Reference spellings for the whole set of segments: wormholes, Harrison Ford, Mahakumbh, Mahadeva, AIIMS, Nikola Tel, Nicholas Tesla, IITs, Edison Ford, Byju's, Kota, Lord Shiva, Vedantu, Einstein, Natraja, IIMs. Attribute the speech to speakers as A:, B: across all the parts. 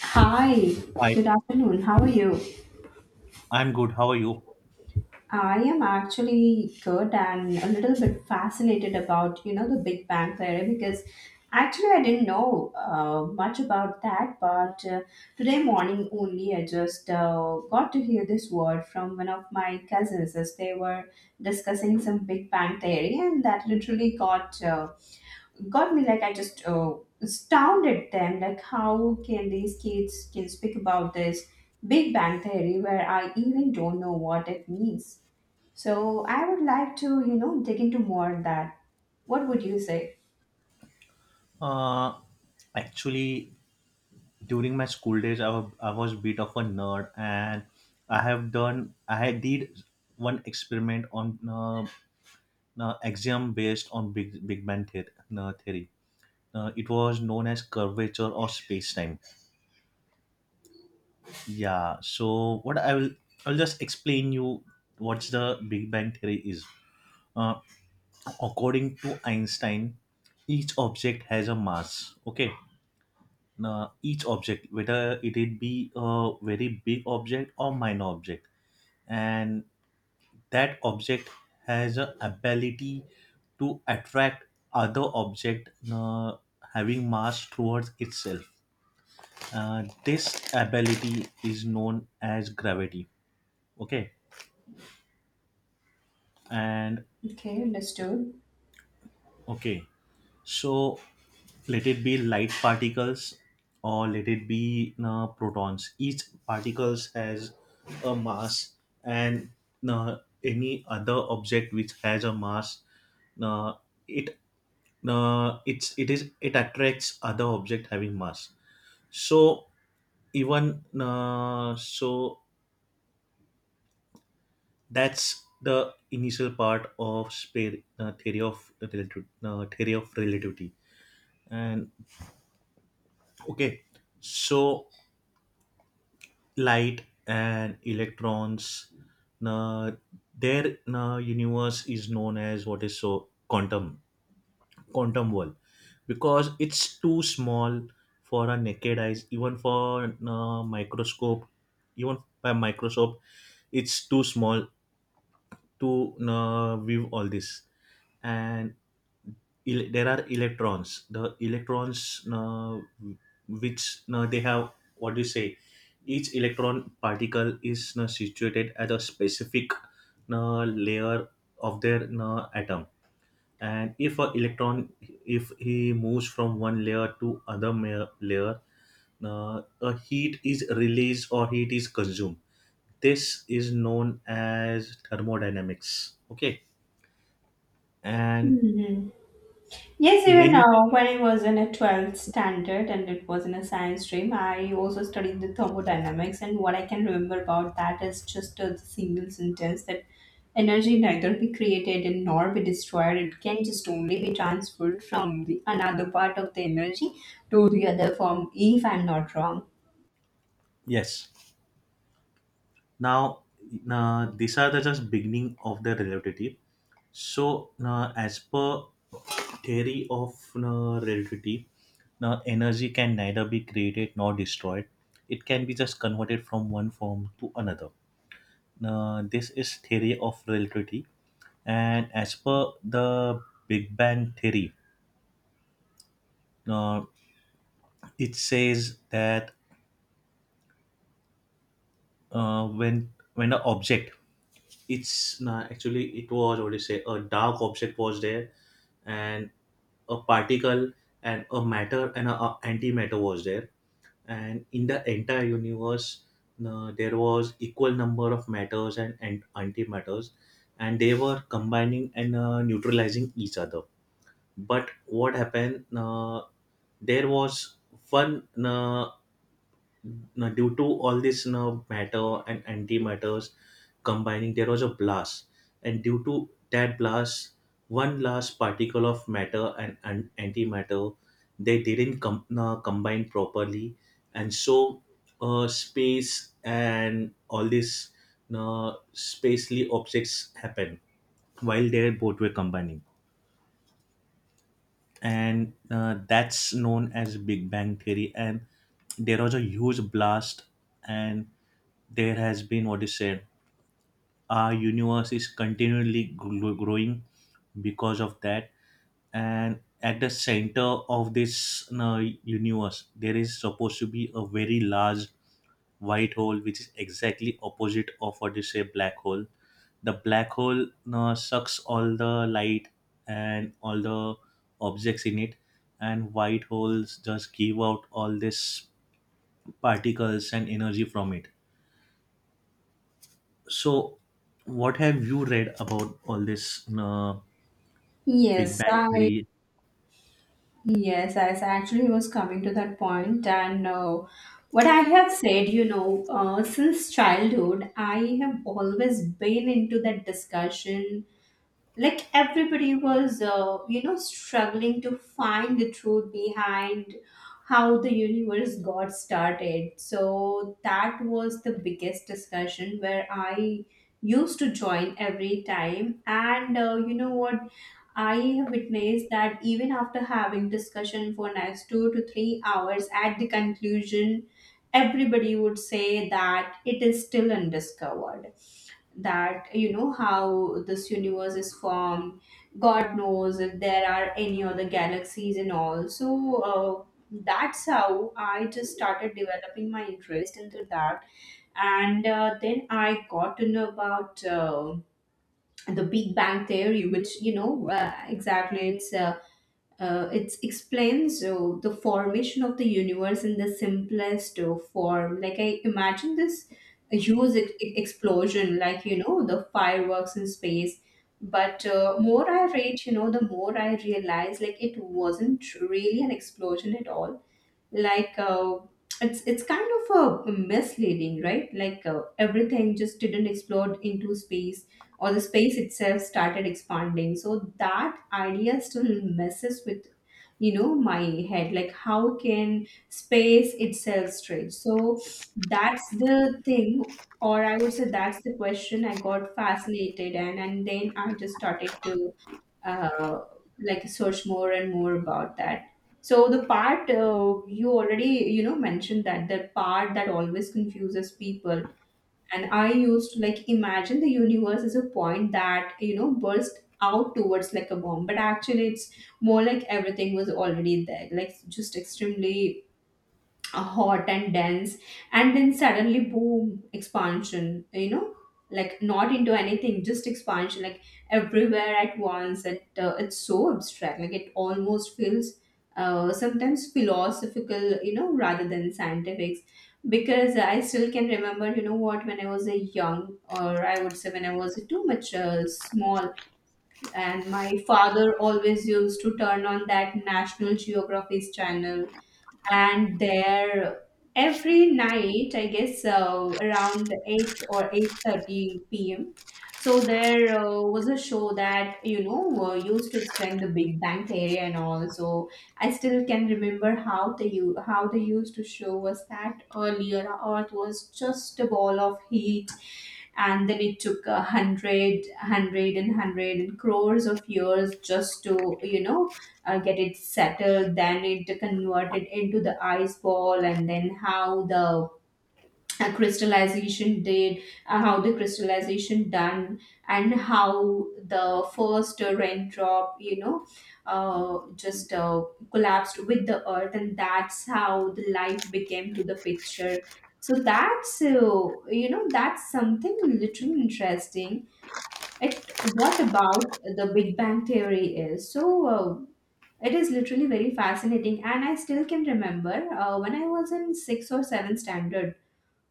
A: Hi,
B: Hi,
A: good afternoon. How are you?
B: I'm good. How are you?
A: I am actually good and a little bit fascinated about, you know, the Big Bang Theory because actually I didn't know much about that, but today morning only I just got to hear this word from one of my cousins as they were discussing some Big Bang Theory, and that literally got me like I just astounded them like how can these kids can speak about this Big Bang Theory where I even don't know what it means. So I would like to, you know, dig into more on that. What would you say?
B: Uh, actually, during my school days, I was bit of a nerd, and I have done I did one experiment on axiom based on Big Bang theory. It was known as curvature of space time. Yeah. So what I will I'll just explain you what's the Big Bang theory is. Uh, According to Einstein, each object has a mass. Okay, each object, whether it be a very big object or minor object, and that object has a ability to attract other object having mass towards itself. This ability is known as gravity. Okay, and
A: Okay, understood.
B: okay, so let it be light particles, or let it be protons. Each particles has a mass, and uh, any other object which has a mass, uh, it it's it is it attracts other object having mass. So even so that's the initial part of spare, theory of relativ- theory of relativity. And okay so Light and electrons, na, their universe is known as what is so quantum, quantum world, because it's too small for our naked eyes, even for microscope. Even by microscope, it's too small to view all this. And there are electrons which, they have, what do you say, each electron particle is situated at a specific layer of their atom. And if an electron, if he moves from one layer to layer, a heat is released or heat is consumed. This is known as thermodynamics. Okay. and
A: Hmm. Yes, even
B: many
A: now, when I was in a 12th standard and it was in a science stream, I also studied the thermodynamics. And what I can remember about that is just a single sentence that energy neither be created and nor be destroyed. It can just only be transferred from the another part of the energy to the other form, if I'm not wrong.
B: Yes. Now, these are the just beginning of the relativity. So, as per theory of relativity, now energy can neither be created nor destroyed. It can be just converted from one form to another. Now, this is theory of relativity, and as per the Big Bang theory, uh, it says that when an object, it's not actually, it was, what do you say, a dark object was there, and a particle, and a matter, and a antimatter was there. And in the entire universe there was equal number of matters and antimatters, and they were combining and neutralizing each other. But what happened, there was one, now, due to all this, now matter and antimatters combining, there was a blast. And due to that blast, one last particle of matter and antimatter, they didn't combine properly, and so space and all these spacely objects happen while they both were combining, and that's known as Big Bang Theory. And there was a huge blast, and there has been, what you said, our universe is continually growing because of that. And at the center of this, you know, universe, there is supposed to be a very large white hole, which is exactly opposite of what you say black hole. The black hole, you know, sucks all the light and all the objects in it, and white holes just give out all this particles and energy from it. So what have you read about all this Big
A: Yes,
B: Bang
A: I
B: theory?
A: Yes, I actually was coming to that point, and what I have said, you know, since childhood, I have always been into that discussion. Like everybody was, you know, struggling to find the truth behind how the universe got started. So that was the biggest discussion where I used to join every time. And you know what? I have witnessed that even after having discussion for next 2 to 3 hours, at the conclusion, everybody would say that it is still undiscovered. That, you know, how this universe is formed. God knows if there are any other galaxies and all. So that's how I just started developing my interest into that, and then I got to know about. The Big Bang Theory, which, you know, exactly, it's it explains the formation of the universe in the simplest form. Like I imagine this huge explosion, like, you know, the fireworks in space. But more I read, you know, the more I realize, like it wasn't really an explosion at all, like it's kind of a misleading, right? Like everything just didn't explode into space, or the space itself started expanding. So that idea still messes with, you know, my head. Like how can space itself stretch? So that's the thing, or I would say that's the question. I got fascinated, and then I just started to uh, like search more and more about that. So the part, you already, you know, mentioned that the part that always confuses people. And I used to like imagine the universe as a point that, you know, burst out towards like a bomb, but actually it's more like everything was already there, like just extremely hot and dense, and then suddenly, boom, expansion, you know, like not into anything, just expansion, like everywhere at once. It's so abstract. Like it almost feels sometimes philosophical, you know, rather than scientific. Because I still can remember, you know what, when I was a young, or I would say when I was too much small, and my father always used to turn on that National Geography's channel. And there every night, I guess, around 8 or 8:30 p.m, so there was a show that, you know, used to explain the Big Bang Theory and all. So I still can remember how how they used to show us that earlier Earth was just a ball of heat, and then it took a hundred hundred and hundred and crores of years just to, you know, get it settled. Then it converted into the ice ball, and then how the crystallization did, how the crystallization done, and how the first raindrop, you know, just collapsed with the Earth, and that's how the life became to the picture. So that's you know, that's something literally interesting. It, what about the Big Bang Theory is so it is literally very fascinating. And I still can remember when I was in sixth or seventh standard.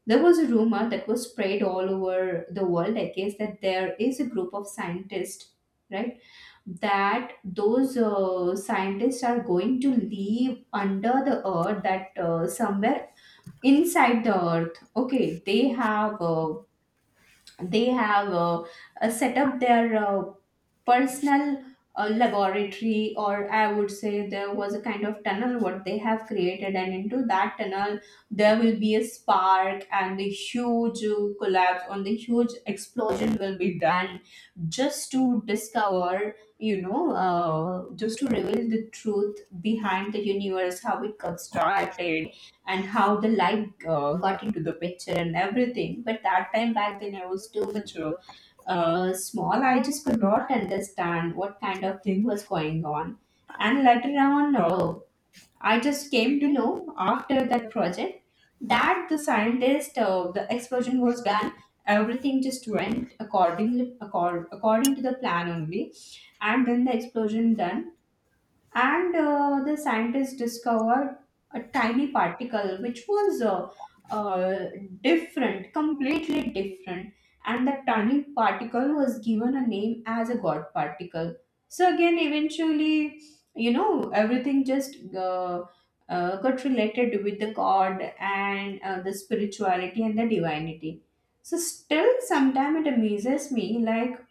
A: There was a rumor that was spread all over the world, I guess, that there is a group of scientists, right? That those scientists are going to leave under the Earth, that somewhere inside the Earth, okay, they have set up their personal laboratory. Or I would say there was a kind of tunnel what they have created, and into that tunnel there will be a spark, and the huge collapse on the huge explosion will be done, just to discover, you know, just to reveal the truth behind the universe, how it got started, and how the light got into the picture and everything. But that time back then, I was too much small. I just could not understand what kind of thing was going on. And later on, I just came to know after that project that the scientist, the explosion was done. Everything just went accordingly, according to the plan only. And then the explosion done, and the scientists discovered a tiny particle which was uh, different completely different, and the tiny particle was given a name as a god particle. So again, eventually, you know, everything just got related with the god and the spirituality and the divinity. So still sometime it amazes me, like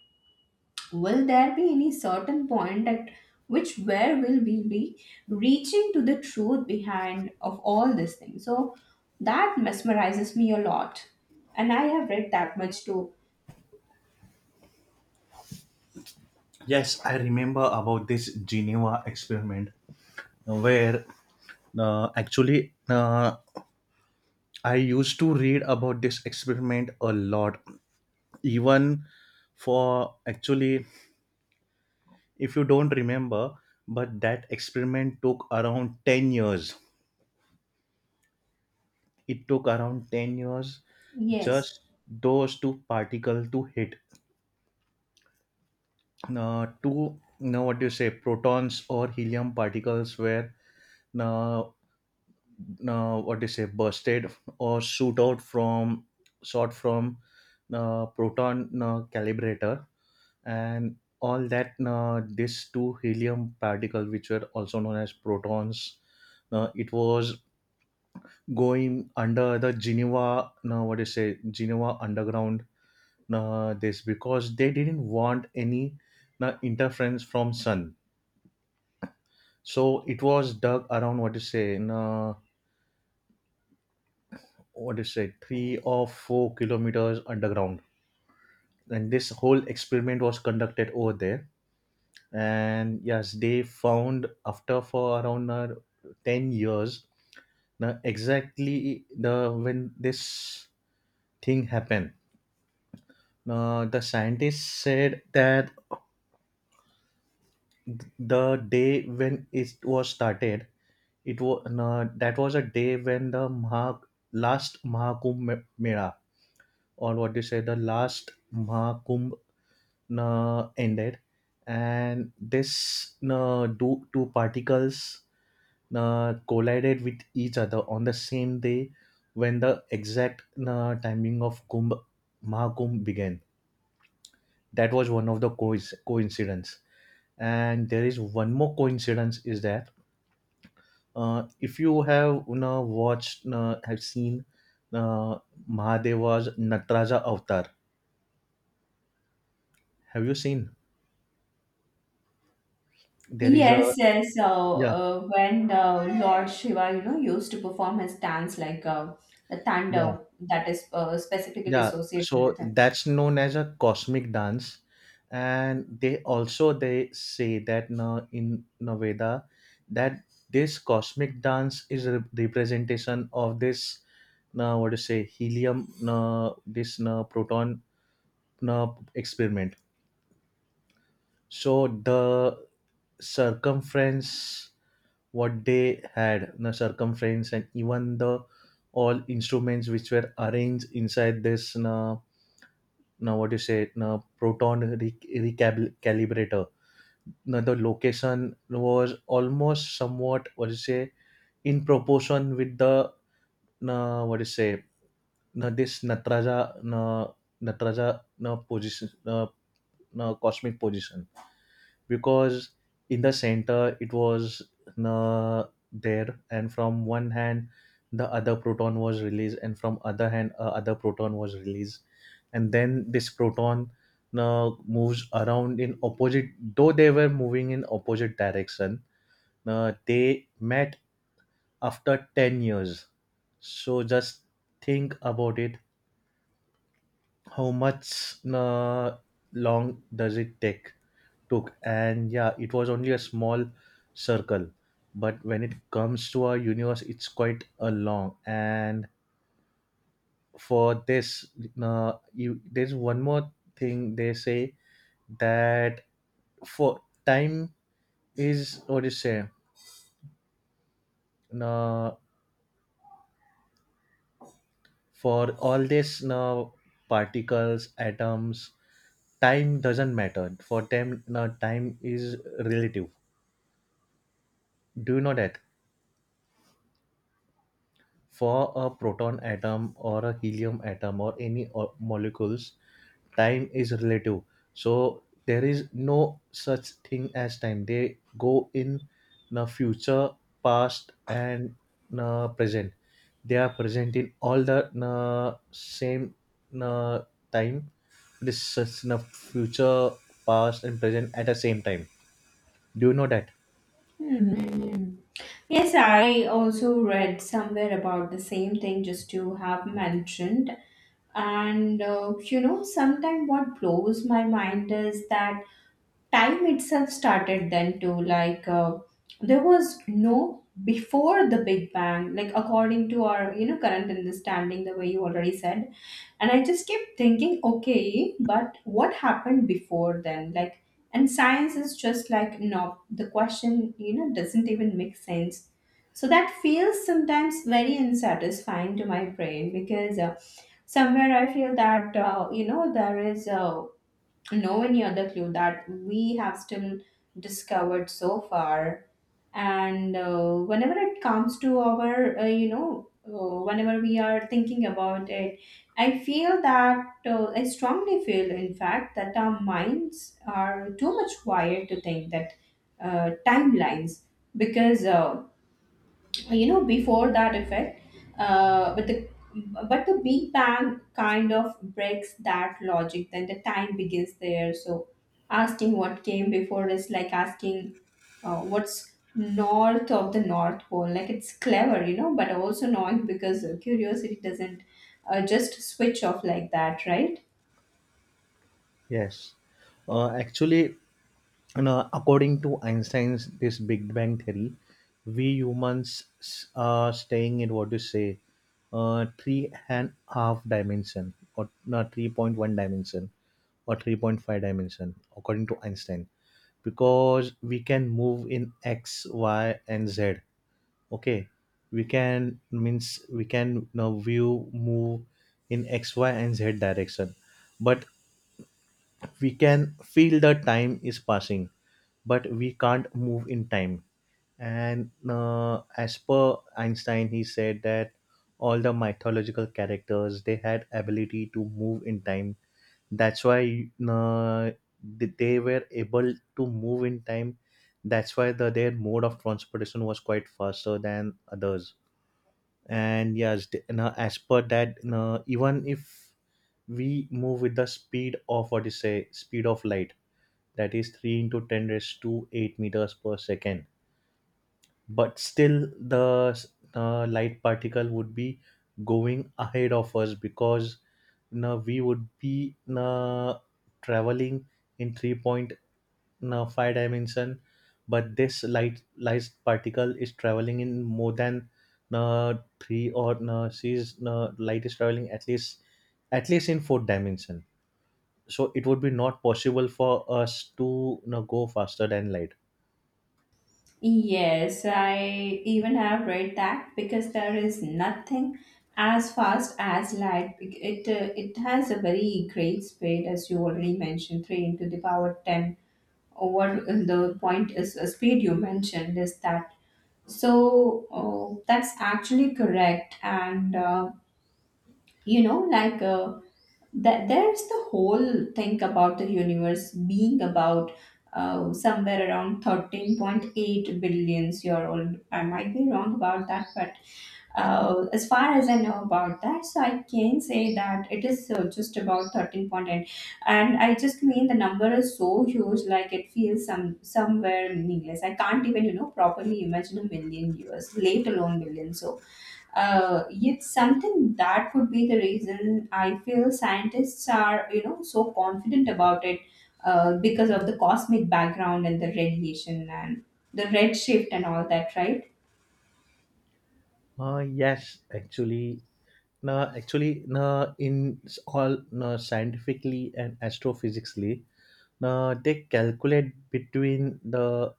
A: will there be any certain point at which where will we be reaching to the truth behind of all these things? So that mesmerizes me a lot. And I have read that much too.
B: Yes, I remember about this Geneva experiment, where actually I used to read about this experiment a lot. Even, for actually, if you don't remember, but that experiment took around ten years. It took around ten years
A: Yes.
B: just those two particles to hit. Two, now what do you say, protons or helium particles were, now, now what do you say, bursted, or shoot out from shot from proton calibrator. And all that, these two helium particles, which were also known as protons, it was going under the Geneva, now what do you say, Geneva underground. This because they didn't want any interference from sun. So it was dug around, what you say, in, what you say, 3 or 4 kilometers underground, and this whole experiment was conducted over there. And yes, they found after, for around, 10 years, now exactly the when this thing happened. The scientists said that the day when it was started, it was, that was a day when the last Mela, or what do you say, the last Mahakumbh ended. And this two particles collided with each other on the same day when the exact timing of Kumbh Mahakumbh began. That was one of the cois coincidence. And there is one more coincidence is that if you have, you know, watched, have seen uh, Mahadeva's Natraja avatar, have you seen? There is a,
A: Yes, yes. So
B: yeah,
A: when the Lord Shiva, you know, used to perform his dance like the
B: yeah,
A: thunder that is specifically
B: yeah.
A: associated
B: So
A: with him.
B: that's known as a cosmic dance. And they also, they say that now in, now Veda, that this cosmic dance is a representation of this, now what to say, helium, now this, now proton, now experiment. So the circumference, what they had, the circumference, and even the all instruments which were arranged inside this. Now, now what you say, now proton recalibrator, now the location was almost somewhat, what you say, in proportion with the, now what you say, now this natraja, now natraja, now position, now, now cosmic position. Because in the center it was uh, there, and from one hand the other proton was released, and from other hand other proton was released. And then this proton moves around in opposite, though they were moving in opposite direction, they met after ten years. So just think about it, how much long does it take took. And yeah, it was only a small circle, but when it comes to our universe, it's quite a long. And for this, you, there's one more thing they say, that for time is, what do you say, uh, for all this, now, particles, atoms, time doesn't matter for them. Now time is relative, do you know that? For a proton atom or a helium atom or any molecules, time is relative. So there is no such thing as time. They go in the future, past, and the present. They are present in all the same uh, time. This is the future, past, and present at the same time. Do you know that?
A: Hmm. Yes, I also read somewhere about the same thing, just to have mentioned. And you know, sometimes what blows my mind is that time itself started then too. Like there was no before the Big Bang. Like according to our, you know, current understanding, the way you already said. And I just kept thinking, okay, but what happened before then? Like, and science is just like, no, the question, you know, doesn't even make sense. So that feels sometimes very unsatisfying to my brain, because somewhere I feel that, you know, there is no any other clue that we have still discovered so far. And whenever it comes to our you know, whenever we are thinking about it, I strongly feel, in fact, that our minds are too much wired to think that timelines, because well, you know, before that effect. uh, but the but the Big Bang kind of breaks that logic, then the time begins there. So asking what came before is like asking what's north of the North Pole. Like it's clever, you know, but also annoying because curiosity doesn't just switch off like that, right?
B: Yes. Uh, actually, And, according to Einstein's this Big Bang theory, we humans are staying in, what you say, three and half dimension, or no, 3.1 dimension, or 3.5 dimension, according to Einstein, because we can move in X, Y, and Z. Okay, we can, means we can, now view, move in X, Y, and Z direction, but we can feel the time is passing, but we can't move in time. And as per Einstein, he said that all the mythological characters, they had ability to move in time. That's why they were able to move in time. That's why the their mode of transportation was quite faster than others. And yes, now as per that, even if we move with the speed of, what you say, speed of light, that is 3 into 10 raised to 8 meters per second, but still the light particle would be going ahead of us, because now we would be uh, traveling in 3.5 dimension, but this light particle is traveling in more than uh, 3, or she's, light is traveling at least, at least in fourth dimension. So it would be not possible for us to, you know, go faster than light.
A: Yes, I even have read that, because there is nothing as fast as light. It has a very great speed, as you already mentioned, three into the power ten. Or What the point is, speed you mentioned is that. So that's actually correct, and you know, like. That there's the whole thing about the universe being about somewhere around 13.8 billions year old. I might be wrong about that, but as far as I know about that, so I can say that it is just about 13.8. And I just mean the number is so huge, like it feels somewhere meaningless. I can't even, you know, properly imagine a million years, let alone billion. So yet something that could be the reason I feel scientists are, you know, so confident about it, because of the cosmic background and the radiation and the redshift and all that, right?
B: uh, yes actually no, Actually, no, in s- all no, scientifically and astrophysically, no, they calculate between the,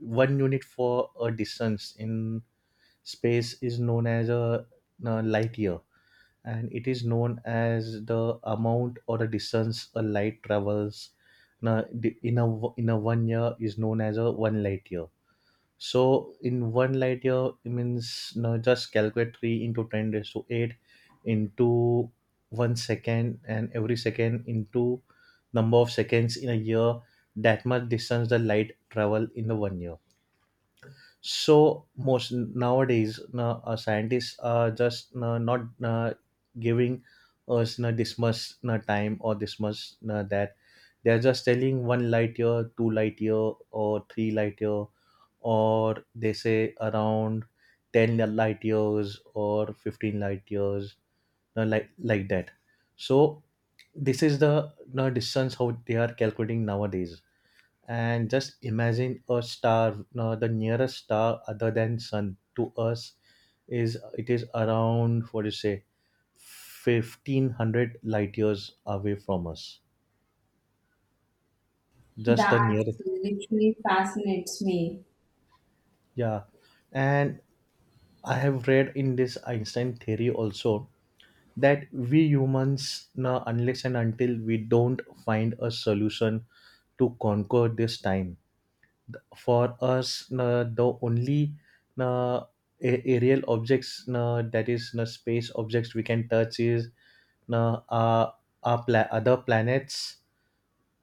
B: one unit for a distance in space is known as a, no, light year. And it is known as the amount or the distance a light travels in a one year is known as a one light year. So in one light year it means you just calculate 3 into 10 raised to 8 into 1 second and every second into number of seconds in a year, that much distance the light travel in the one year. So most nowadays scientists are just not giving us na this much na time or this much na that. They are just telling one light year, two light year, or three light year, or they say around 10 light years or 15 light years, na like that. So this is the na distance how they are calculating nowadays. And just imagine a star. No, the nearest star other than sun to us is around, what do you say, 1500 light years away from us. Just the
A: That
B: nearest.
A: literally fascinates me.
B: Yeah. And I have read in this Einstein theory also that we humans now, unless and until we don't find a solution to conquer this time, for us the only uh, aerial objects, that is space objects we can touch is uh, our, our other planets.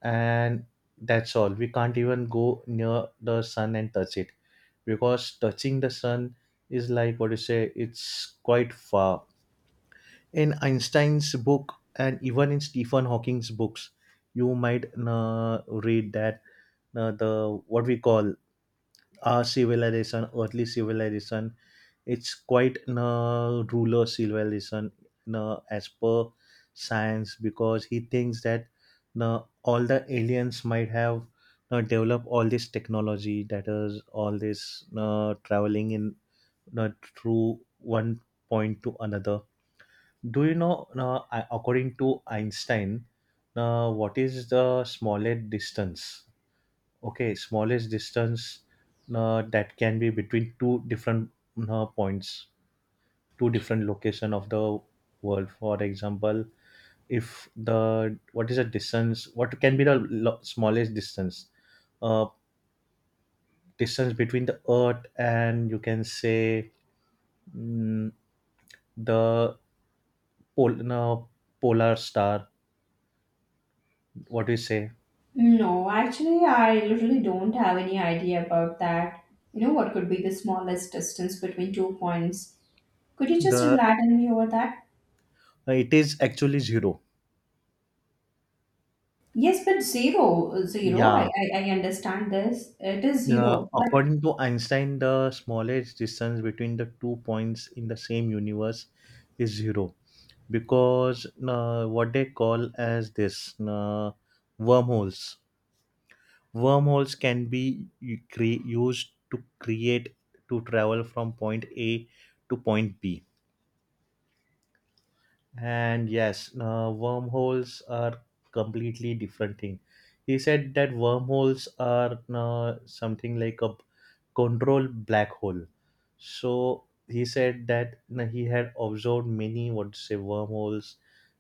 B: And that's all. We can't even go near the sun and touch it, because touching the sun is, like, what you say, it's quite far. In Einstein's book and even in Stephen Hawking's books, you might read that the, what we call, our civilization, earthly civilization, it's quite a ruler civilization, as per science, because he thinks that all the aliens might have developed all this technology, that is all this traveling in, na, through one point to another. Do you know, according to Einstein, what is the smallest distance? Okay, smallest distance that can be between two different points, two different location of the world. For example, if the, what is the distance? What can be the smallest distance? Uh, distance between the Earth and, you can say, mm, the pol- no, polar star. What do you say?
A: No, actually, I literally don't have any idea about that. You know, what could be the smallest distance between two points? Could you just
B: The
A: enlighten me over that?
B: it is actually zero.
A: Yes, but zero, zero. I,
B: Yeah.
A: I, I understand this. It is
B: Yeah,
A: zero. But.
B: according to Einstein, the smallest distance between the two points in the same universe is zero, because what they call as this wormholes. Wormholes can be used to create, to travel from point A to point B. And yes, wormholes are completely different thing. He said that wormholes are something like a control black hole. So he said that he had observed many, what to say, wormholes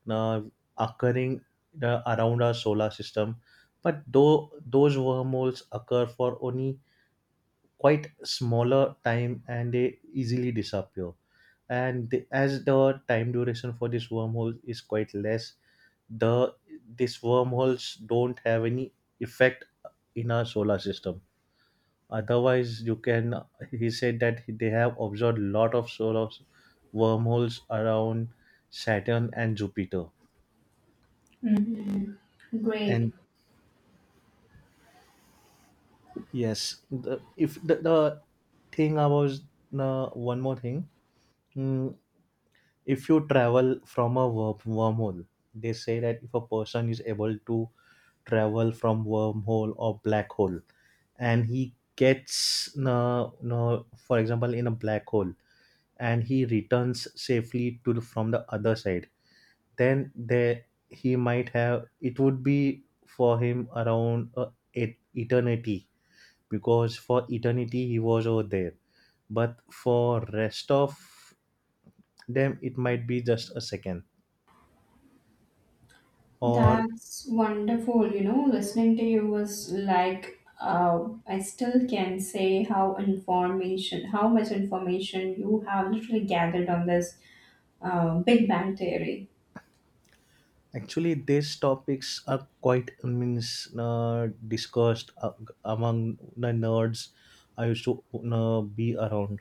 B: uh, occurring around our solar system, but though those wormholes occur for only quite smaller time and they easily disappear. And as the time duration for this wormhole is quite less, the these wormholes don't have any effect in our solar system. Otherwise, you can, he said that they have observed lot of wormholes around Saturn and Jupiter.
A: Mhm. Great.
B: And yes, the, if the, the thing about one more thing, mm, if you travel from a wormhole, they say that if a person is able to travel from wormhole or black hole, and he gets, no no for example, in a black hole, and he returns safely to the, from the other side, then there he might have, it would be for him around eternity, because for eternity he was over there, but for rest of them, it might be just a second or.
A: That's wonderful. You know, listening to you was like, I still can say how much information you have literally gathered on this Big Bang Theory.
B: Actually, these topics are quite, I means, discussed among the nerds I used to be around.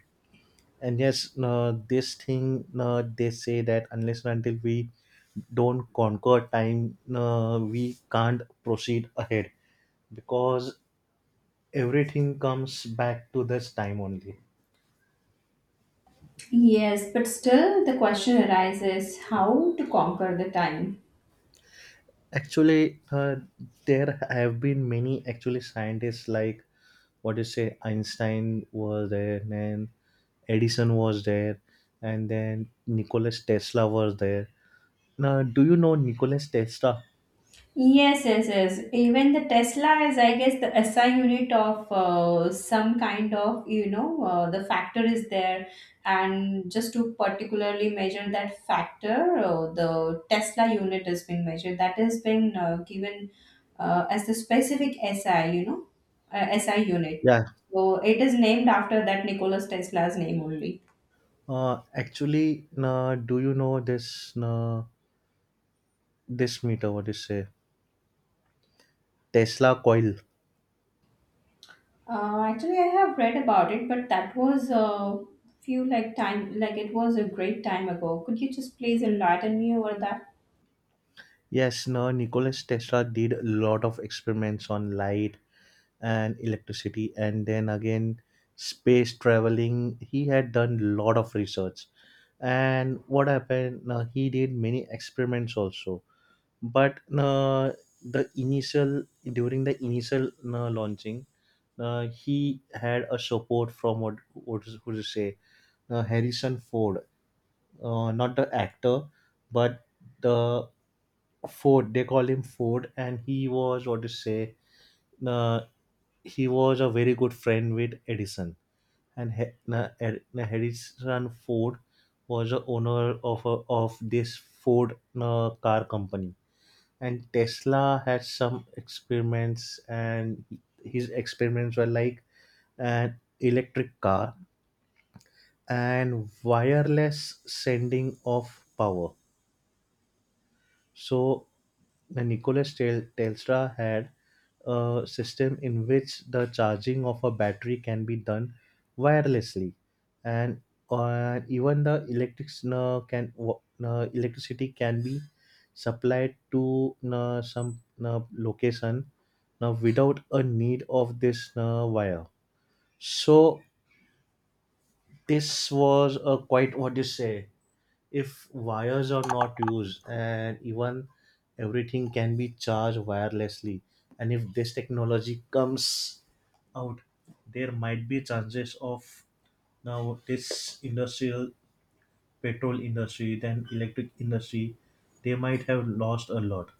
B: And yes, this thing, they say that unless and until we don't conquer time, we can't proceed ahead, because everything comes back to this time only.
A: Yes, but still the question arises how to conquer the time.
B: Actually, there have been many actually scientists, like, what do you say, Einstein was there, then Edison was there, and then Nicholas Tesla was there. Now do you know Nicholas Tesla?
A: Yes, yes, yes. Even the Tesla is, I guess, the SI unit of some kind of, you know, the factor is there. And just to particularly measure that factor, the Tesla unit has been measured. That has been given as the specific SI, SI unit.
B: Yeah.
A: So it is named after that Nikola Tesla's name only.
B: Actually, now do you know this? Now, this meter, what do you say, Tesla coil.
A: Actually, I have read about it, but that was a few like time, like it was a great time ago. Could you just please enlighten me over that?
B: Yes. No, Nicholas Tesla did a lot of experiments on light and electricity, and then again, space traveling. He had done a lot of research. And what happened? He did many experiments also. But the initial during the initial launching, he had a support from, what to say, Harrison Ford, not the actor, but the Ford. They call him Ford, and he was, what to say. Uh, he was a very good friend with Edison, and he, Ed, na Edison Ford was the owner of a, of this Ford car company. And Tesla had some experiments, and his experiments were like an electric car and wireless sending of power. So the Tesla had a system in which the charging of a battery can be done wirelessly, and even the electric, electricity can be supplied to some location without a need of this wire. So this was a quite, what do you say. If wires are not used, and even everything can be charged wirelessly, and if this technology comes out, there might be chances of, now this industrial petrol industry, then electric industry, they might have lost a lot.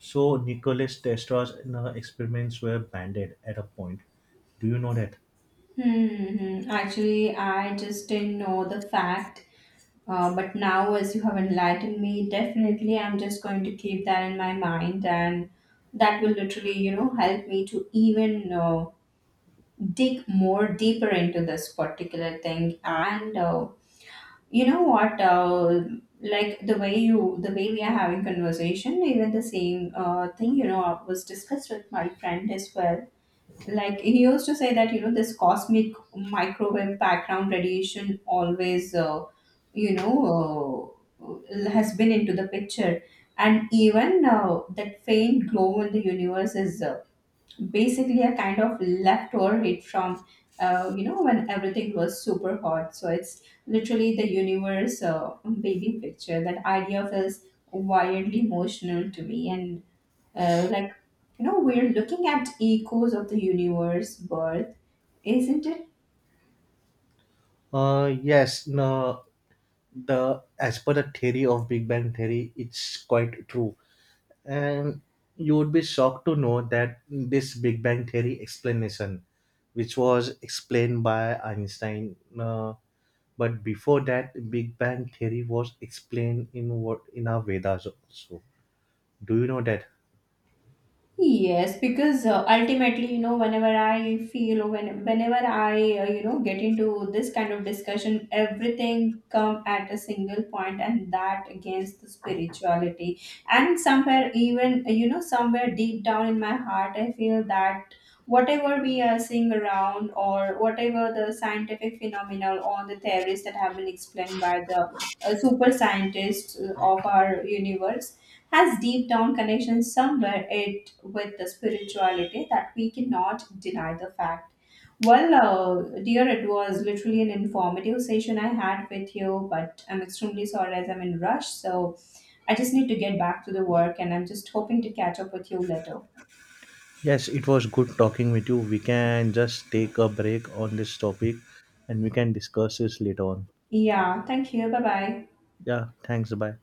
B: So Nicholas Tesla's experiments were banned at a point. Do you know that?
A: Hmm. Actually, I just didn't know the fact, but now as you have enlightened me, definitely I'm just going to keep that in my mind, and that will literally, you know, help me to even dig more deeper into this particular thing. And you know what? Like the way we are having conversation. Even the same thing, you know, was discussed with my friend as well. Like he used to say that, you know, this cosmic microwave background radiation always, you know, has been into the picture. And even that faint glow in the universe is basically a kind of leftover hit from you know, when everything was super hot. So it's literally the universe baby picture. That idea feels wildly emotional to me. And like, you know, we're looking at echoes of the universe birth, isn't it?
B: Yes. No, the as per the theory of big bang theory, it's quite true. And you would be shocked to know that this Big Bang Theory explanation, which was explained by Einstein, but before that Big Bang Theory was explained in, what, in our Vedas also. Do you know that?
A: Yes, because ultimately, you know, whenever I feel, whenever I, you know, get into this kind of discussion, everything come at a single point, and that against the spirituality. And somewhere, even you know, somewhere deep down in my heart, I feel that whatever we are seeing around, or whatever the scientific phenomena or the theories that have been explained by the super scientists of our universe has deep down connections somewhere it with the spirituality, that we cannot deny the fact. Well, dear, it was literally an informative session I had with you, but I'm extremely sorry as I'm in rush, so I just need to get back to the work, and I'm just hoping to catch up with you later.
B: Yes, it was good talking with you. We can just take a break on this topic and we can discuss this later on.
A: Yeah, thank you. Bye bye.
B: Yeah, thanks. Bye.